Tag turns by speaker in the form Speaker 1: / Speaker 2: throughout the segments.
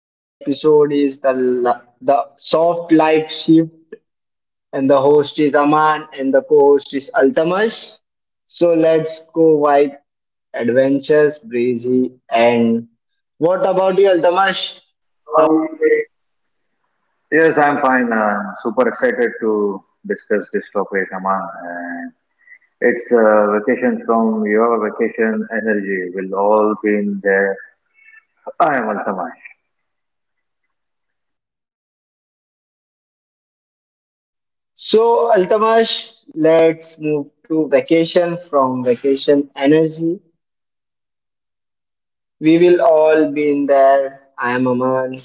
Speaker 1: Today episode is the the soft life shift, and the host is Aman and the co-host is Altamash. So let's go wide adventures breezy and what about you, Altamash? How are you today?
Speaker 2: Yes, I'm fine. Super excited to discuss this topic, Aman. And it's vacation from your vacation energy will all be in there. I am Altamash.
Speaker 1: So Altamash, let's move to vacation from vacation energy. We will all be in there. I am Aman.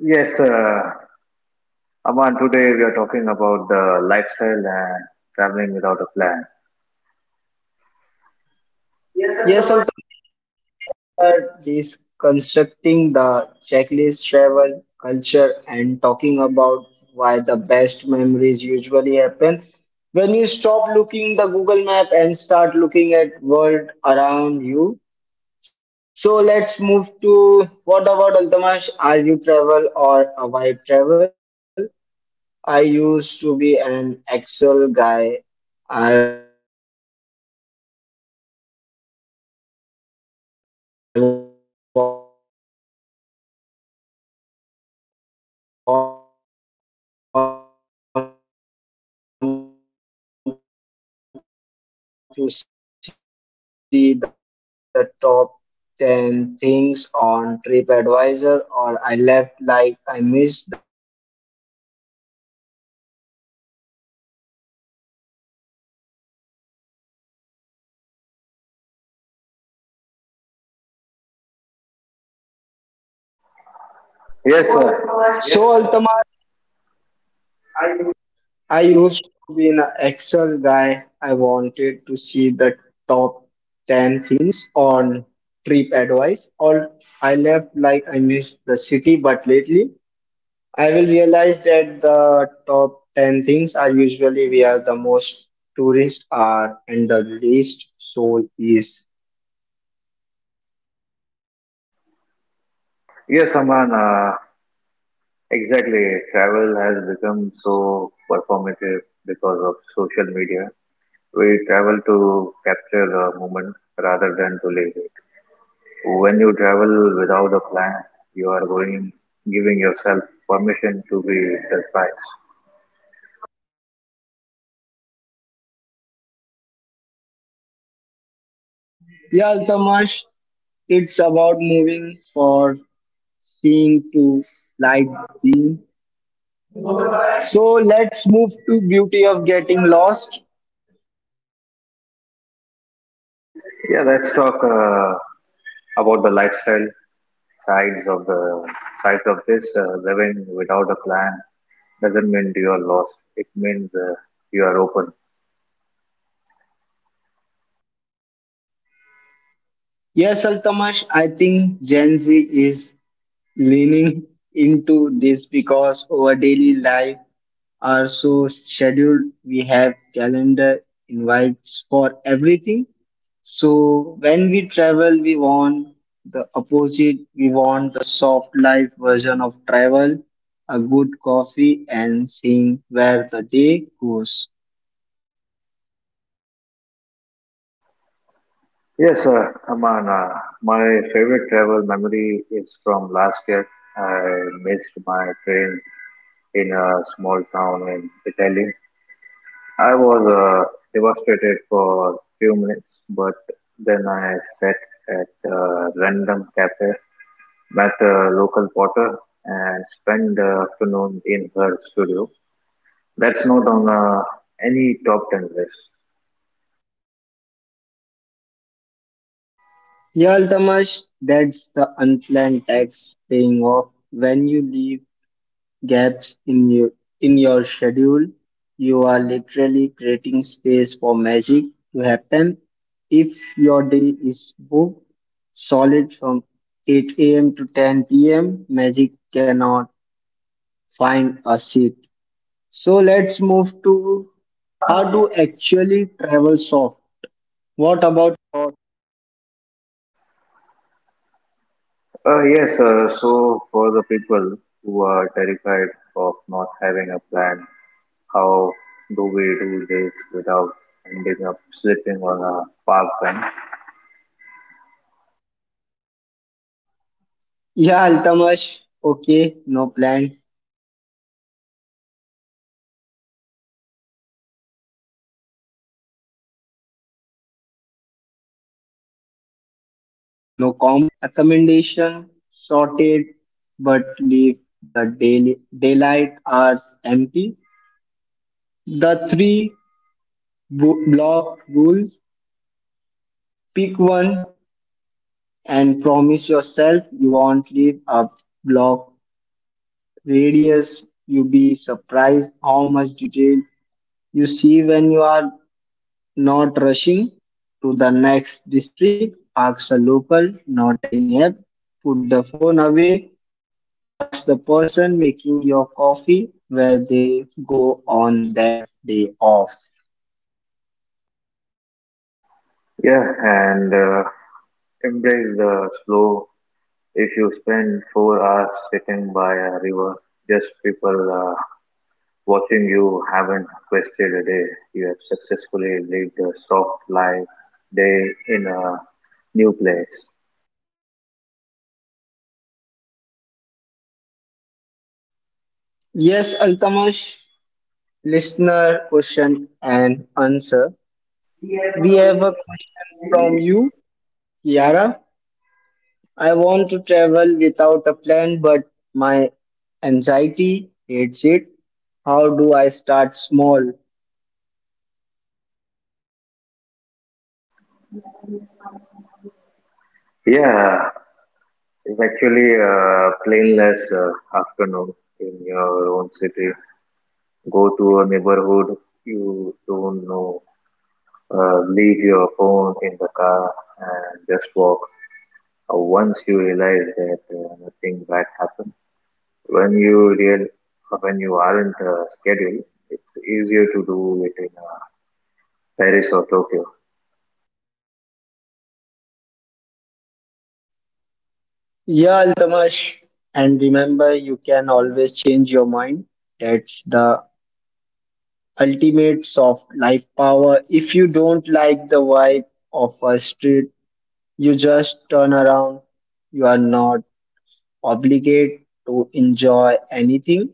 Speaker 2: Yes, Aman, today we are talking about the lifestyle and traveling without a plan. Yes,
Speaker 1: Yes, Altamash, we are deconstructing the checklist travel culture and talking about why the best memories usually happen when you stop looking the Google map and start looking at world around you. So let's move to what about Altamash? Are you travel or a travel? I used to be an Excel guy. I want to see the top 10 things on TripAdvisor or I left like I missed the city. But lately, I will realize that the top 10 things are usually we are the most tourist uh, and the least soul.
Speaker 2: sir.
Speaker 1: So, Altamash. I used to be an Excel guy. I wanted to see the top 10 things on TripAdvisor. All I left like I missed the city, but lately I will realize that the top 10 things are usually where the most tourists are and the least soul is.
Speaker 2: Yes, Aman. Exactly. Travel has become so performative because of social media. We travel to capture the moment rather than to live it. When you travel without a plan, you are going giving yourself permission to be surprised.
Speaker 1: Yeah, Altamash, it's about moving for seeing to slide being. So let's move to beauty of getting lost.
Speaker 2: Yeah, let's talk about the lifestyle sides of the sides of this. Living without a plan doesn't mean you are lost. It means you are open.
Speaker 1: Yes, Altamash, I think Gen Z is leaning into this because our daily life are so scheduled. We have calendar invites for everything. So when we travel, we want the opposite. We want the soft life version of travel, a good coffee, and seeing where the day goes.
Speaker 2: Yes, Aman. My favorite travel memory is from last year. I missed my train in a small town in Italy. I was devastated for few minutes, but then I sat at a random cafe, met a local potter, and spent the afternoon in her studio. That's not on any top 10 list.
Speaker 1: Yeah, Altamash, that's the unplanned tax paying off when you leave gaps in your schedule. You are literally creating space for magic to happen. If your day is booked solid from 8 a.m. to 10 p.m., magic cannot find a seat. So let's move to how to actually travel soft. What about
Speaker 2: Yes, so for the people who are terrified of not having a plan, how do we do this without ending up sleeping on a park bench?
Speaker 1: yeah, Altamash, okay, no plan does not mean no common sense. I call it loss frameworking. Book the bed, not the day. Have your accommodation sorted, but leave the daily, daylight hours empty. The three block rules. Pick one and promise yourself you won't leave a block radius. You'll be surprised how much detail you see when you are not rushing to the next district, ask the local, not any app. Put the phone away, ask the person making your coffee where they go on their day off.
Speaker 2: Yeah, and embrace the slow. If you spend 4 hours sitting by a river, just people watching, you haven't wasted a day. You have successfully lived a soft life day in a new place.
Speaker 1: Yes, Altamash, listener question and answer. We have a question from you, Kiara. I want to travel without a plan, but my anxiety hates it. How do I start small?
Speaker 2: Yeah, it's actually a plainless afternoon in your own city. Go to a neighborhood you don't know. Leave your phone in the car and just walk. Once you realize that nothing bad happens, when you real when you aren't scheduled, it's easier to do it in Paris or Tokyo.
Speaker 1: Yeah, Altamash. And remember, you can always change your mind. That's the ultimate soft life power. If you don't like the vibe of a street, you just turn around. You are not obligated to enjoy anything.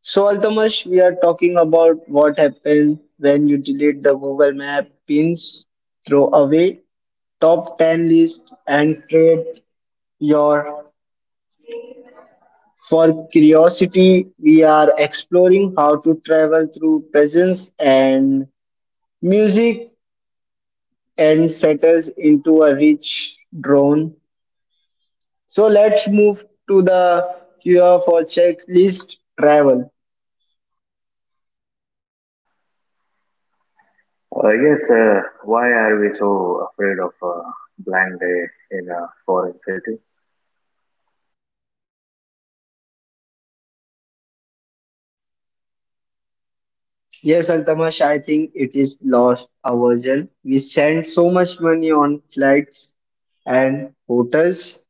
Speaker 1: So, Altamash, we are talking about what happened when you delete the Google Map pins, throw away top 10 list, and create your for curiosity, we are exploring how to travel through peasants and music and settles into a rich drone. So let's move to the cure for checklist travel.
Speaker 2: Yes, why are we so afraid of a blank day in a foreign city?
Speaker 1: Yes, Altamash, I think it is lost aversion. We spend so much money on flights and hotels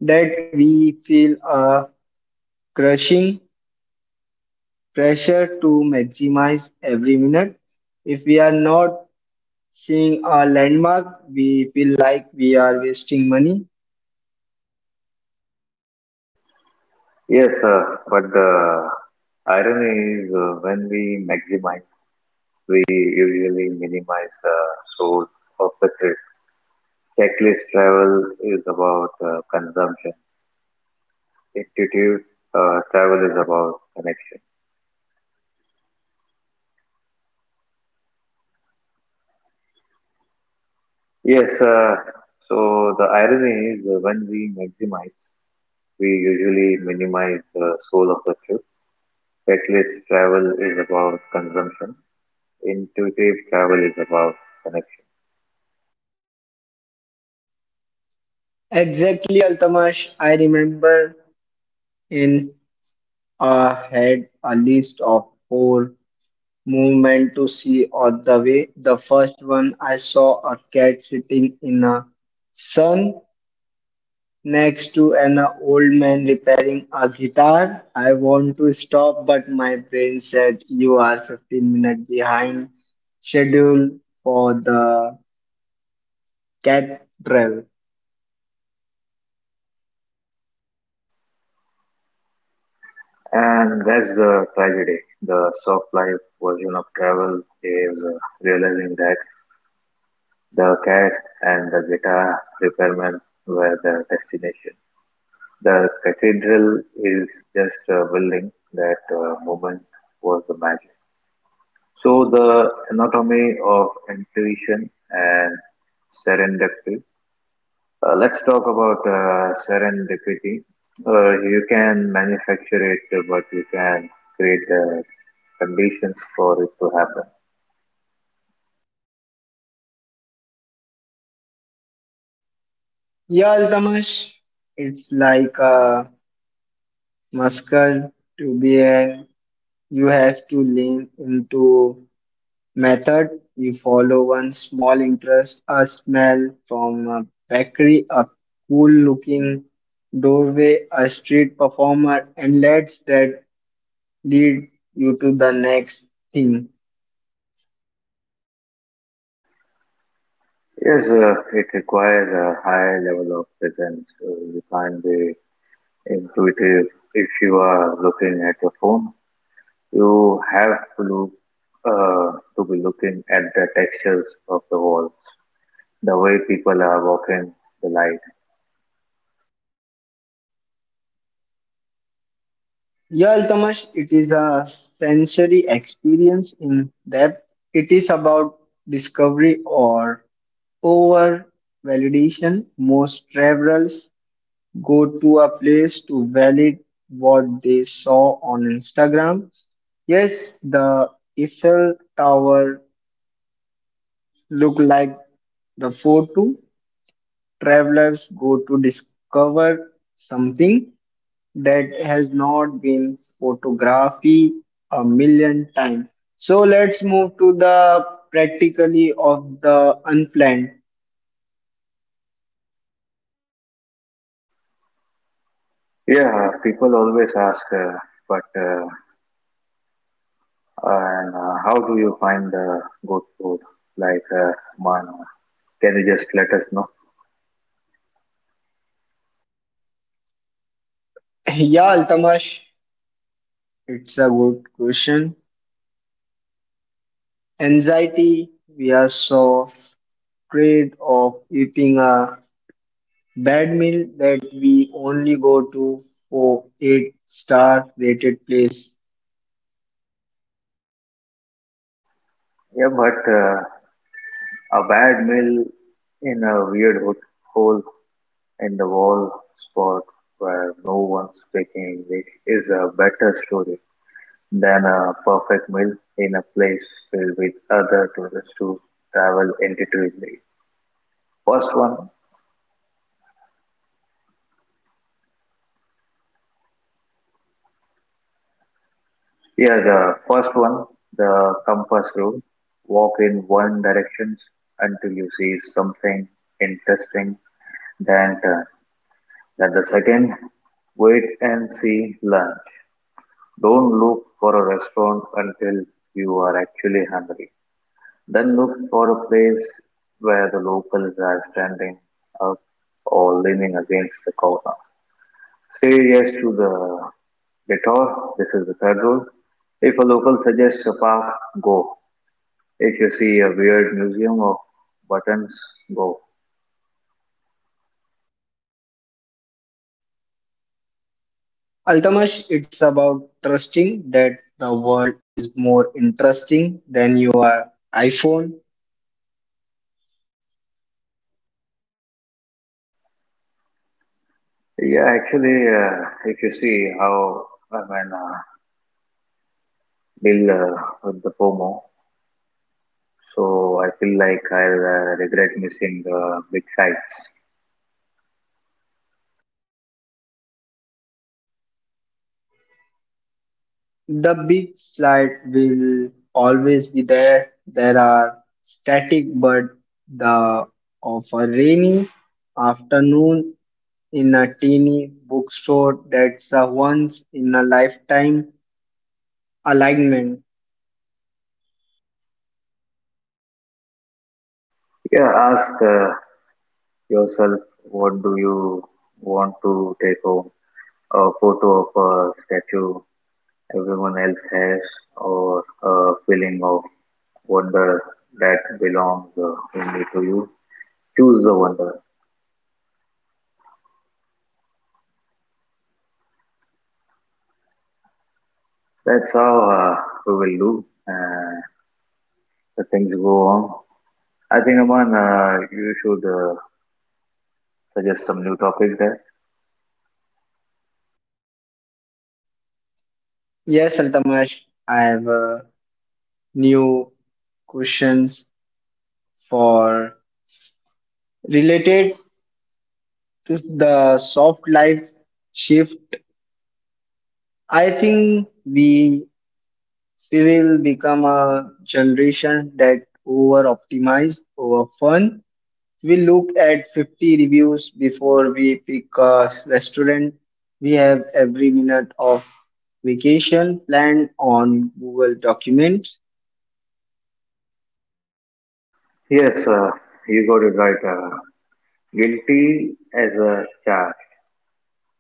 Speaker 1: that we feel a crushing pressure to maximize every minute. If we are not seeing a landmark, we feel like we are wasting money.
Speaker 2: Yes, but the irony is when we maximize, we usually minimize the source of the trip. Checklist travel is about consumption. Intuitive travel is about connection. Yes, so the irony is when we maximize, we usually minimize the soul of the trip. Reckless travel is about consumption. Intuitive travel is about connection.
Speaker 1: Exactly, Altamash. I remember in I had a list of four movement to see on the way. The first one I saw a cat sitting in a sun next to an old man repairing a guitar. I want to stop, but my brain said you are 15 minutes behind schedule for the cathedral.
Speaker 2: And that's the tragedy. The soft life version of travel is realizing that the cat and the guitar repairman were the destination. The cathedral is just a building; that moment was the magic. So the anatomy of intuition and serendipity. Let's talk about serendipity. You can manufacture it, but you can create the conditions for it to happen.
Speaker 1: Yeah, Altamash, it's like a muscle to be in. You have to lean into method, you follow one small interest, a smell from a bakery, a cool looking doorway, a street performer, and let that lead you to the next thing.
Speaker 2: Yes, it requires a high level of presence. You can't be intuitive if you are looking at your phone. You have to look to be looking at the textures of the walls, the way people are walking, the light.
Speaker 1: Yeah, Alkamash, it is a sensory experience in depth. It is about discovery or over validation. Most travelers go to a place to validate what they saw on Instagram. Yes, the Eiffel Tower look like the photo. Travelers go to discover something that has not been photographed a million times. So let's move to the practically of the unplanned.
Speaker 2: Yeah, people always ask, but uh, how do you find the good food? Like, man, can you just let us know?
Speaker 1: Yeah, Altamash, it's a good question. Anxiety we are so afraid of eating a bad meal that we only go to for eight-star rated place.
Speaker 2: Yeah, but a bad meal in a weird hole in the wall spot where no one's speaking English is a better story than a perfect meal in a place filled with other tourists who travel intuitively. First one, yeah, the first one, the compass rule. Walk in one direction until you see something interesting, then turn. Then the second, wait and see lunch. Don't look for a restaurant until you are actually hungry. Then look for a place where the locals are standing up or leaning against the corner. Say yes to the detour. This is the third rule. If a local suggests a park, go. If you see a weird museum of buttons, go.
Speaker 1: Altamash, it's about trusting that the world is more interesting than your iPhone.
Speaker 2: Yeah, actually, if you see how I mean, deal with the FOMO, so I feel like I'll regret missing the big sights.
Speaker 1: The big slide will always be there. There are static but the of a rainy afternoon in a teeny bookstore that's a once in a lifetime alignment.
Speaker 2: Yeah, ask yourself, what do you want to take home? A photo of a statue everyone else has, or a feeling of wonder that belongs only to you? Choose the wonder. That's how we will do. The things go on. I think, Aman, you should suggest some new topic there.
Speaker 1: Yes, Altamash, I have new questions for related to the soft life shift. I think we will become a generation that over optimize over fun. We look at 50 reviews before we pick a restaurant. We have every minute of vacation planned on Google Documents.
Speaker 2: Yes, you got it right. Guilty as a charge.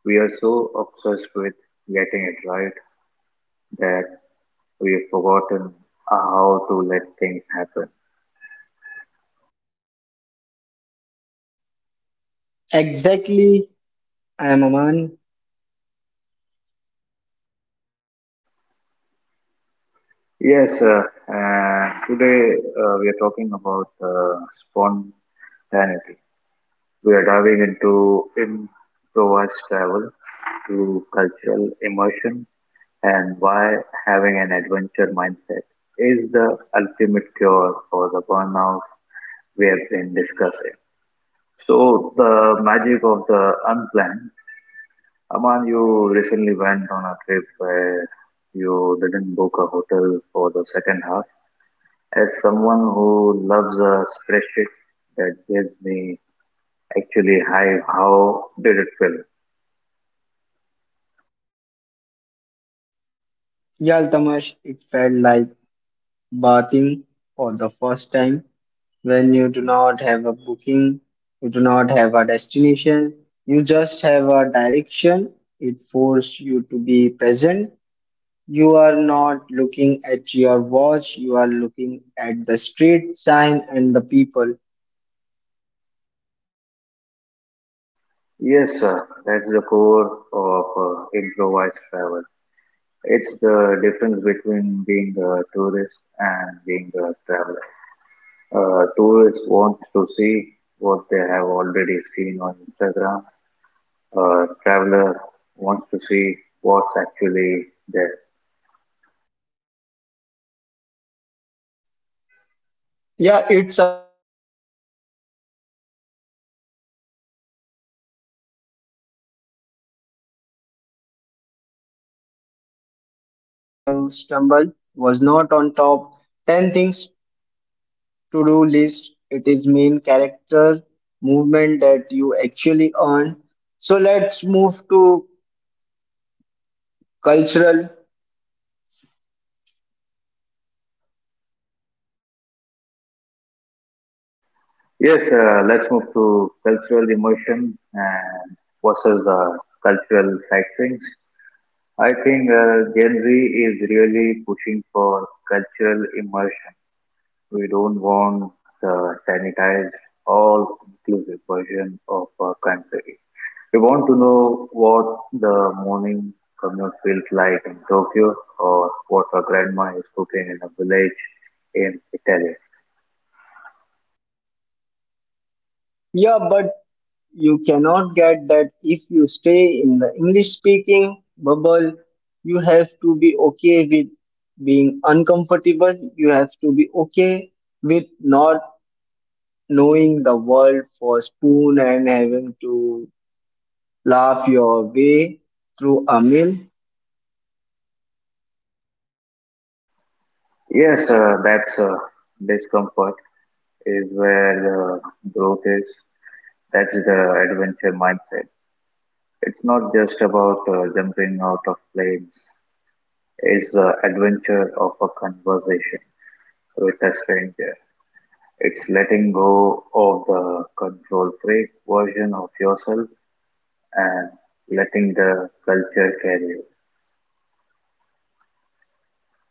Speaker 2: We are so obsessed with getting it right that we've forgotten how to let things happen.
Speaker 1: Exactly, I am Aman.
Speaker 2: Yes, uh, Today we are talking about spontaneity. We are diving into improvised travel through cultural immersion and why having an adventure mindset is the ultimate cure for the burnout we have been discussing. So, the magic of the unplanned. Aman, you recently went on a trip where you didn't book a hotel for the second half. As someone who loves a spreadsheet that gives me actually high, how did it feel?
Speaker 1: Yal Tamash, it felt like bathing for the first time. When you do not have a booking, you do not have a destination, you just have a direction. It forces you to be present. You are not looking at your watch, you are looking at the street sign and the people.
Speaker 2: Yes, sir, that's the core of improvised travel. It's the difference between being a tourist and being a traveler. A tourist wants to see what they have already seen on Instagram. Traveler wants to see what's actually there.
Speaker 1: Yeah, it's about discovery. There are physiological rush when you stumble upon a hidden cafe or local festival that was not on top 10 things to do list. It is main character movement that you actually earn. So let's move to cultural.
Speaker 2: Yes, let's move to cultural immersion and versus cultural sightseeing. I think Gen Z is really pushing for cultural immersion. We don't want the sanitized, all-inclusive version of a country. We want to know what the morning commute feels like in Tokyo or what a grandma is cooking in a village in Italy.
Speaker 1: Yeah, but you cannot get that if you stay in the English speaking bubble. You have to be okay with being uncomfortable. You have to be okay with not knowing the word for spoon and having to laugh your way through a meal.
Speaker 2: Yes, that's discomfort is where the growth is. That's the adventure mindset. It's not just about jumping out of planes. It's the adventure of a conversation with a stranger. It's letting go of the control freak version of yourself and letting the culture carry you.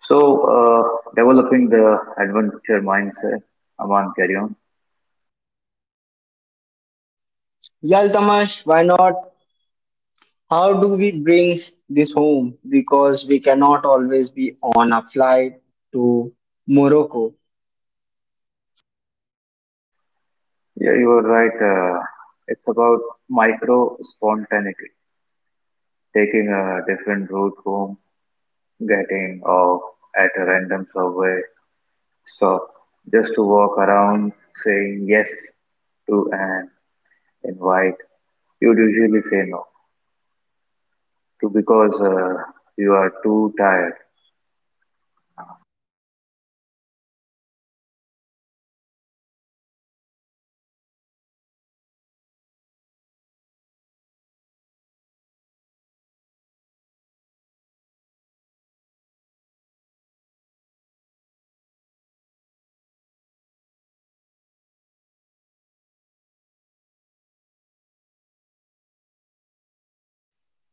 Speaker 2: So, developing the adventure mindset, Aman, carry on.
Speaker 1: Yal Tamash, why not? How do we bring this home? Because we cannot always be on a flight to Morocco.
Speaker 2: Yeah, you are right. It's about micro spontaneity, taking a different route home, getting off at a random subway stop, just to walk around, saying yes to an invite you would usually say no to because you are too tired.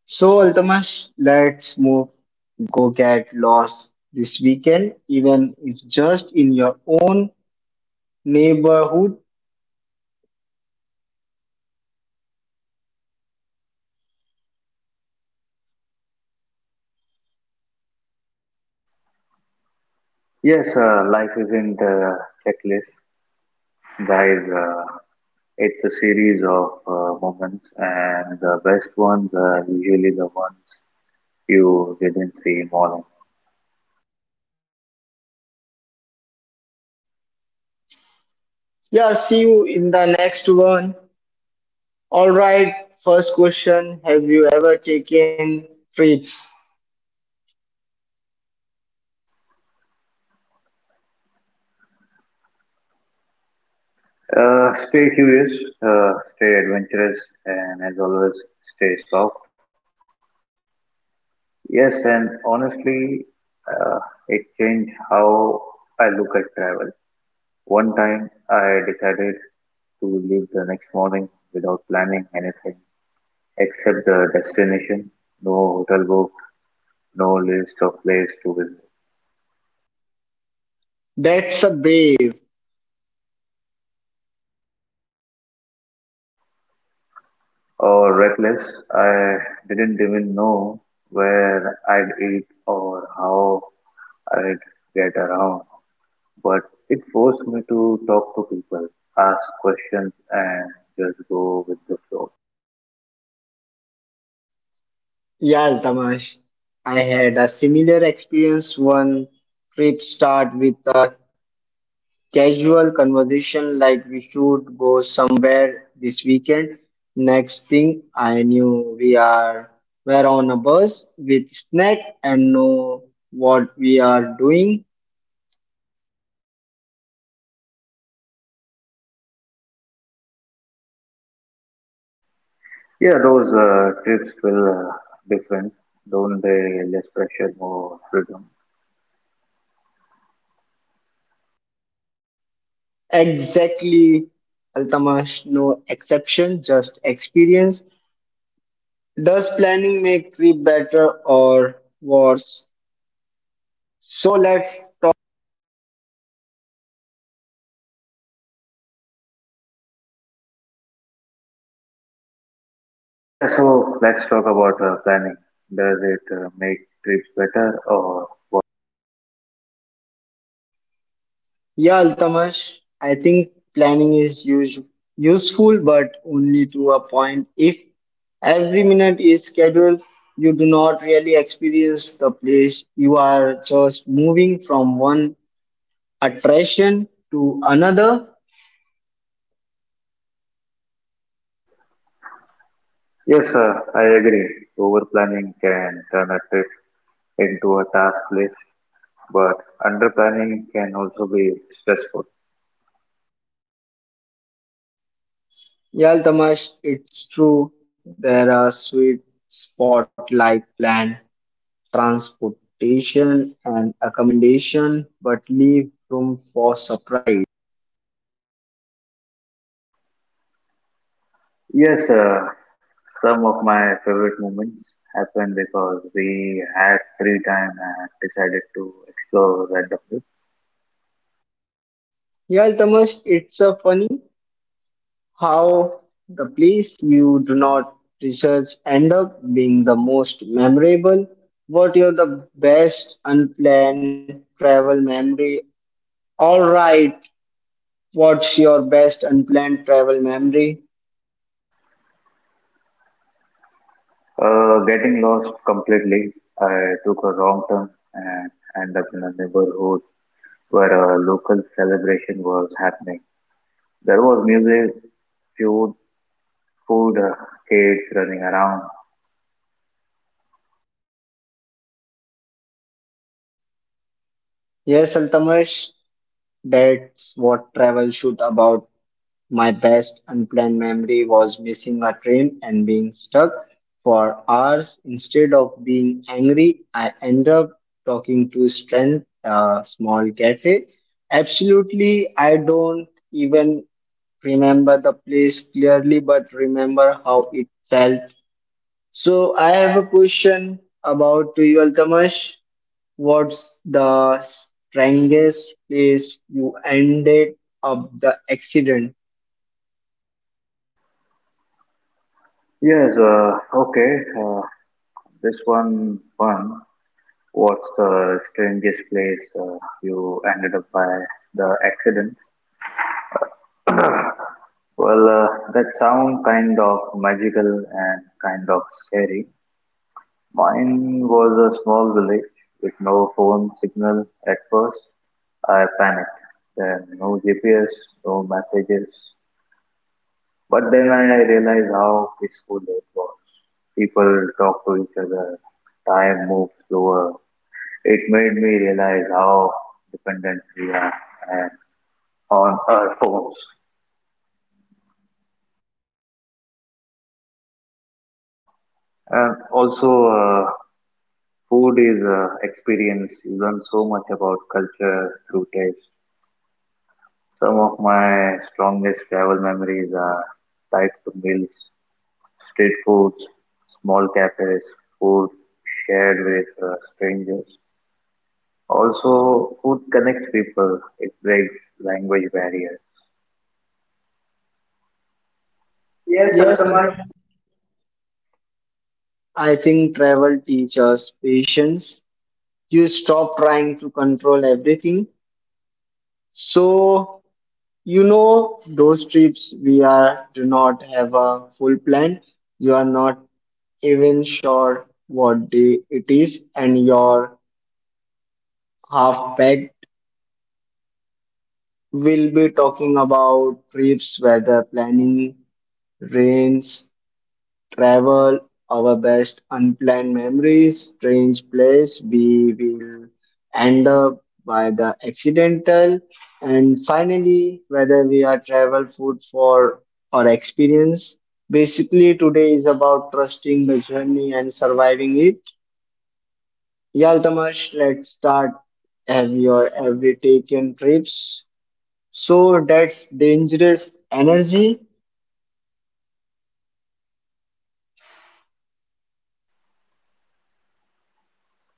Speaker 1: So, Altamash, let's move go get lost this weekend, even if just in your own neighborhood.
Speaker 2: Yes, life isn't a checklist, guys. It's a series of moments, and the best ones are usually the ones you didn't see morning.
Speaker 1: Yeah, see you in the next one. All right, first question, have you ever taken trips?
Speaker 2: Stay curious, stay adventurous, and as always, stay soft. Yes, and honestly, uh, it changed how I look at travel. One time I decided to leave the next morning without planning anything except the destination, no hotel booked, no list of place to visit.
Speaker 1: That's a brave.
Speaker 2: Or reckless, I didn't even know where I'd eat or how I'd get around. But it forced me to talk to people, ask questions, and just go with the flow.
Speaker 1: Yeah, Altamash, I had a similar experience. One trip start with a casual conversation like we should go somewhere this weekend. Next thing I knew, we are were on a bus with snack and know what we are doing.
Speaker 2: Yeah, those trips feel different, don't they? Less pressure, more freedom.
Speaker 1: Exactly, Altamash, no exception, just experience. Does planning make trip better or worse? So let's talk.
Speaker 2: Yeah, so let's talk about planning. Does it make trips better or what?
Speaker 1: Yeah, Altamash, I think planning is useful, but only to a point. If every minute is scheduled, you do not really experience the place. You are just moving from one attraction to another.
Speaker 2: Yes, I agree. Over planning can turn a trip into a task list, but under planning can also be stressful.
Speaker 1: Yeah, Altamash, it's true. There are sweet spot like land, transportation, and accommodation, but leave room for surprise.
Speaker 2: Yes, some of my favorite moments happened because we had free time and decided to explore randomly.
Speaker 1: Yeah, Altamash, it's a funny. How the place you do not research end up being the most memorable? What you're the best unplanned travel memory? All right, what's your best unplanned travel memory?
Speaker 2: Getting lost completely, I took a wrong turn and ended up in a neighborhood where a local celebration was happening. There was music, food, food, kids running around.
Speaker 1: Yes, Altamash, that's what travel should about. My best unplanned memory was missing a train and being stuck for hours. Instead of being angry, I ended up talking to a friend, a small cafe. Absolutely, I don't even remember the place clearly, but remember how it felt. So I have a question about to you, Altamash. What's the strangest place you ended up the accident?
Speaker 2: Yes, okay. Uh, this one, one. What's the strangest place you ended up by the accident? Well, that sound kind of magical and kind of scary. Mine was a small village with no phone signal at first. I panicked. Then no GPS, no messages. But then I realized how peaceful it was. People talked to each other. Time moved slower. It made me realize how dependent we are and on our phones. And also, food is experience. You learn so much about culture through taste. Some of my strongest travel memories are tied to meals, street foods, small cafes, food shared with strangers. Also, food connects people, it breaks language barriers. Yes.
Speaker 1: Yes, Altamash, I think travel teaches patience. You stop trying to control everything. So, you know, those trips we are do not have a full plan. You are not even sure what day it is, and your half packed. Will be talking about trips, weather planning, rains, travel, our best unplanned memories, strange place we will end up by the accidental, and finally, whether we are travel, food for or experience. Basically, today is about trusting the journey and surviving it. Yaltamash, let's start. Have your every taken trips? So that's dangerous energy.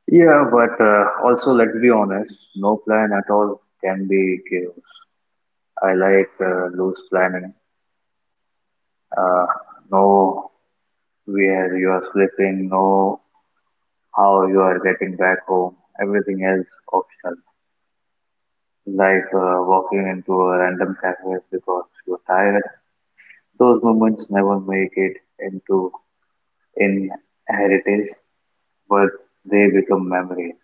Speaker 2: Yeah, but also, let's be honest, no plan at all can be chaos. I like loose planning. Uh, know where you are sleeping, know how you are getting back home, everything else optional. Like walking into a random cafe because you're tired. Those moments never make it into inheritance, but they become memories.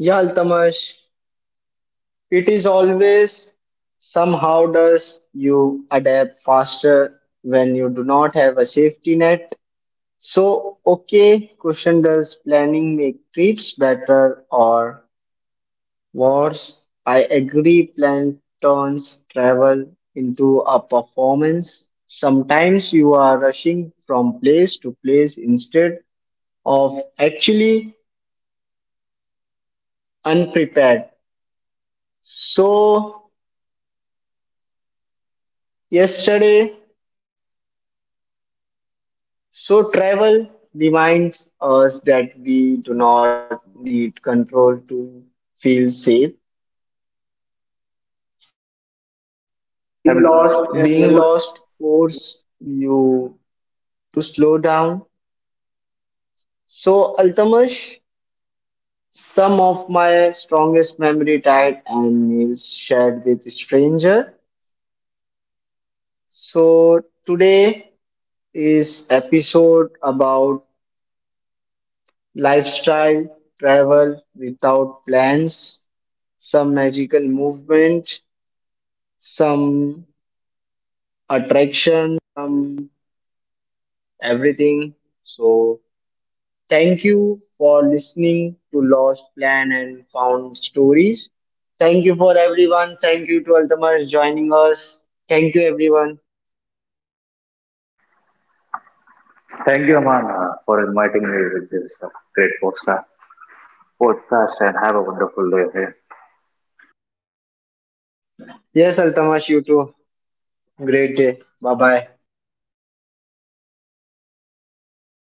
Speaker 1: Yaltamash, it is always somehow does you adapt faster when you do not have a safety net. So, okay, question does planning make trips better or worse? I agree, plan turns travel into a performance. Sometimes you are rushing from place to place instead of actually unprepared. So, yesterday so travel reminds us that we do not need control to feel safe.
Speaker 2: Yes, we am
Speaker 1: Being
Speaker 2: lost.
Speaker 1: lost force you to slow down. So Altamash, some of my strongest memory tied and meals shared with stranger. So today is episode about lifestyle travel without plans, some magical movement, some attraction from everything. So, thank you for listening to Lost Plan and Found Stories. Thank you for everyone. Thank you to Altamash joining us. Thank you, everyone.
Speaker 2: Thank you, Aman, for inviting me with this great podcast. Podcast and have a wonderful day ahead.
Speaker 1: Yes, Altamash, you too. Great day. Bye bye.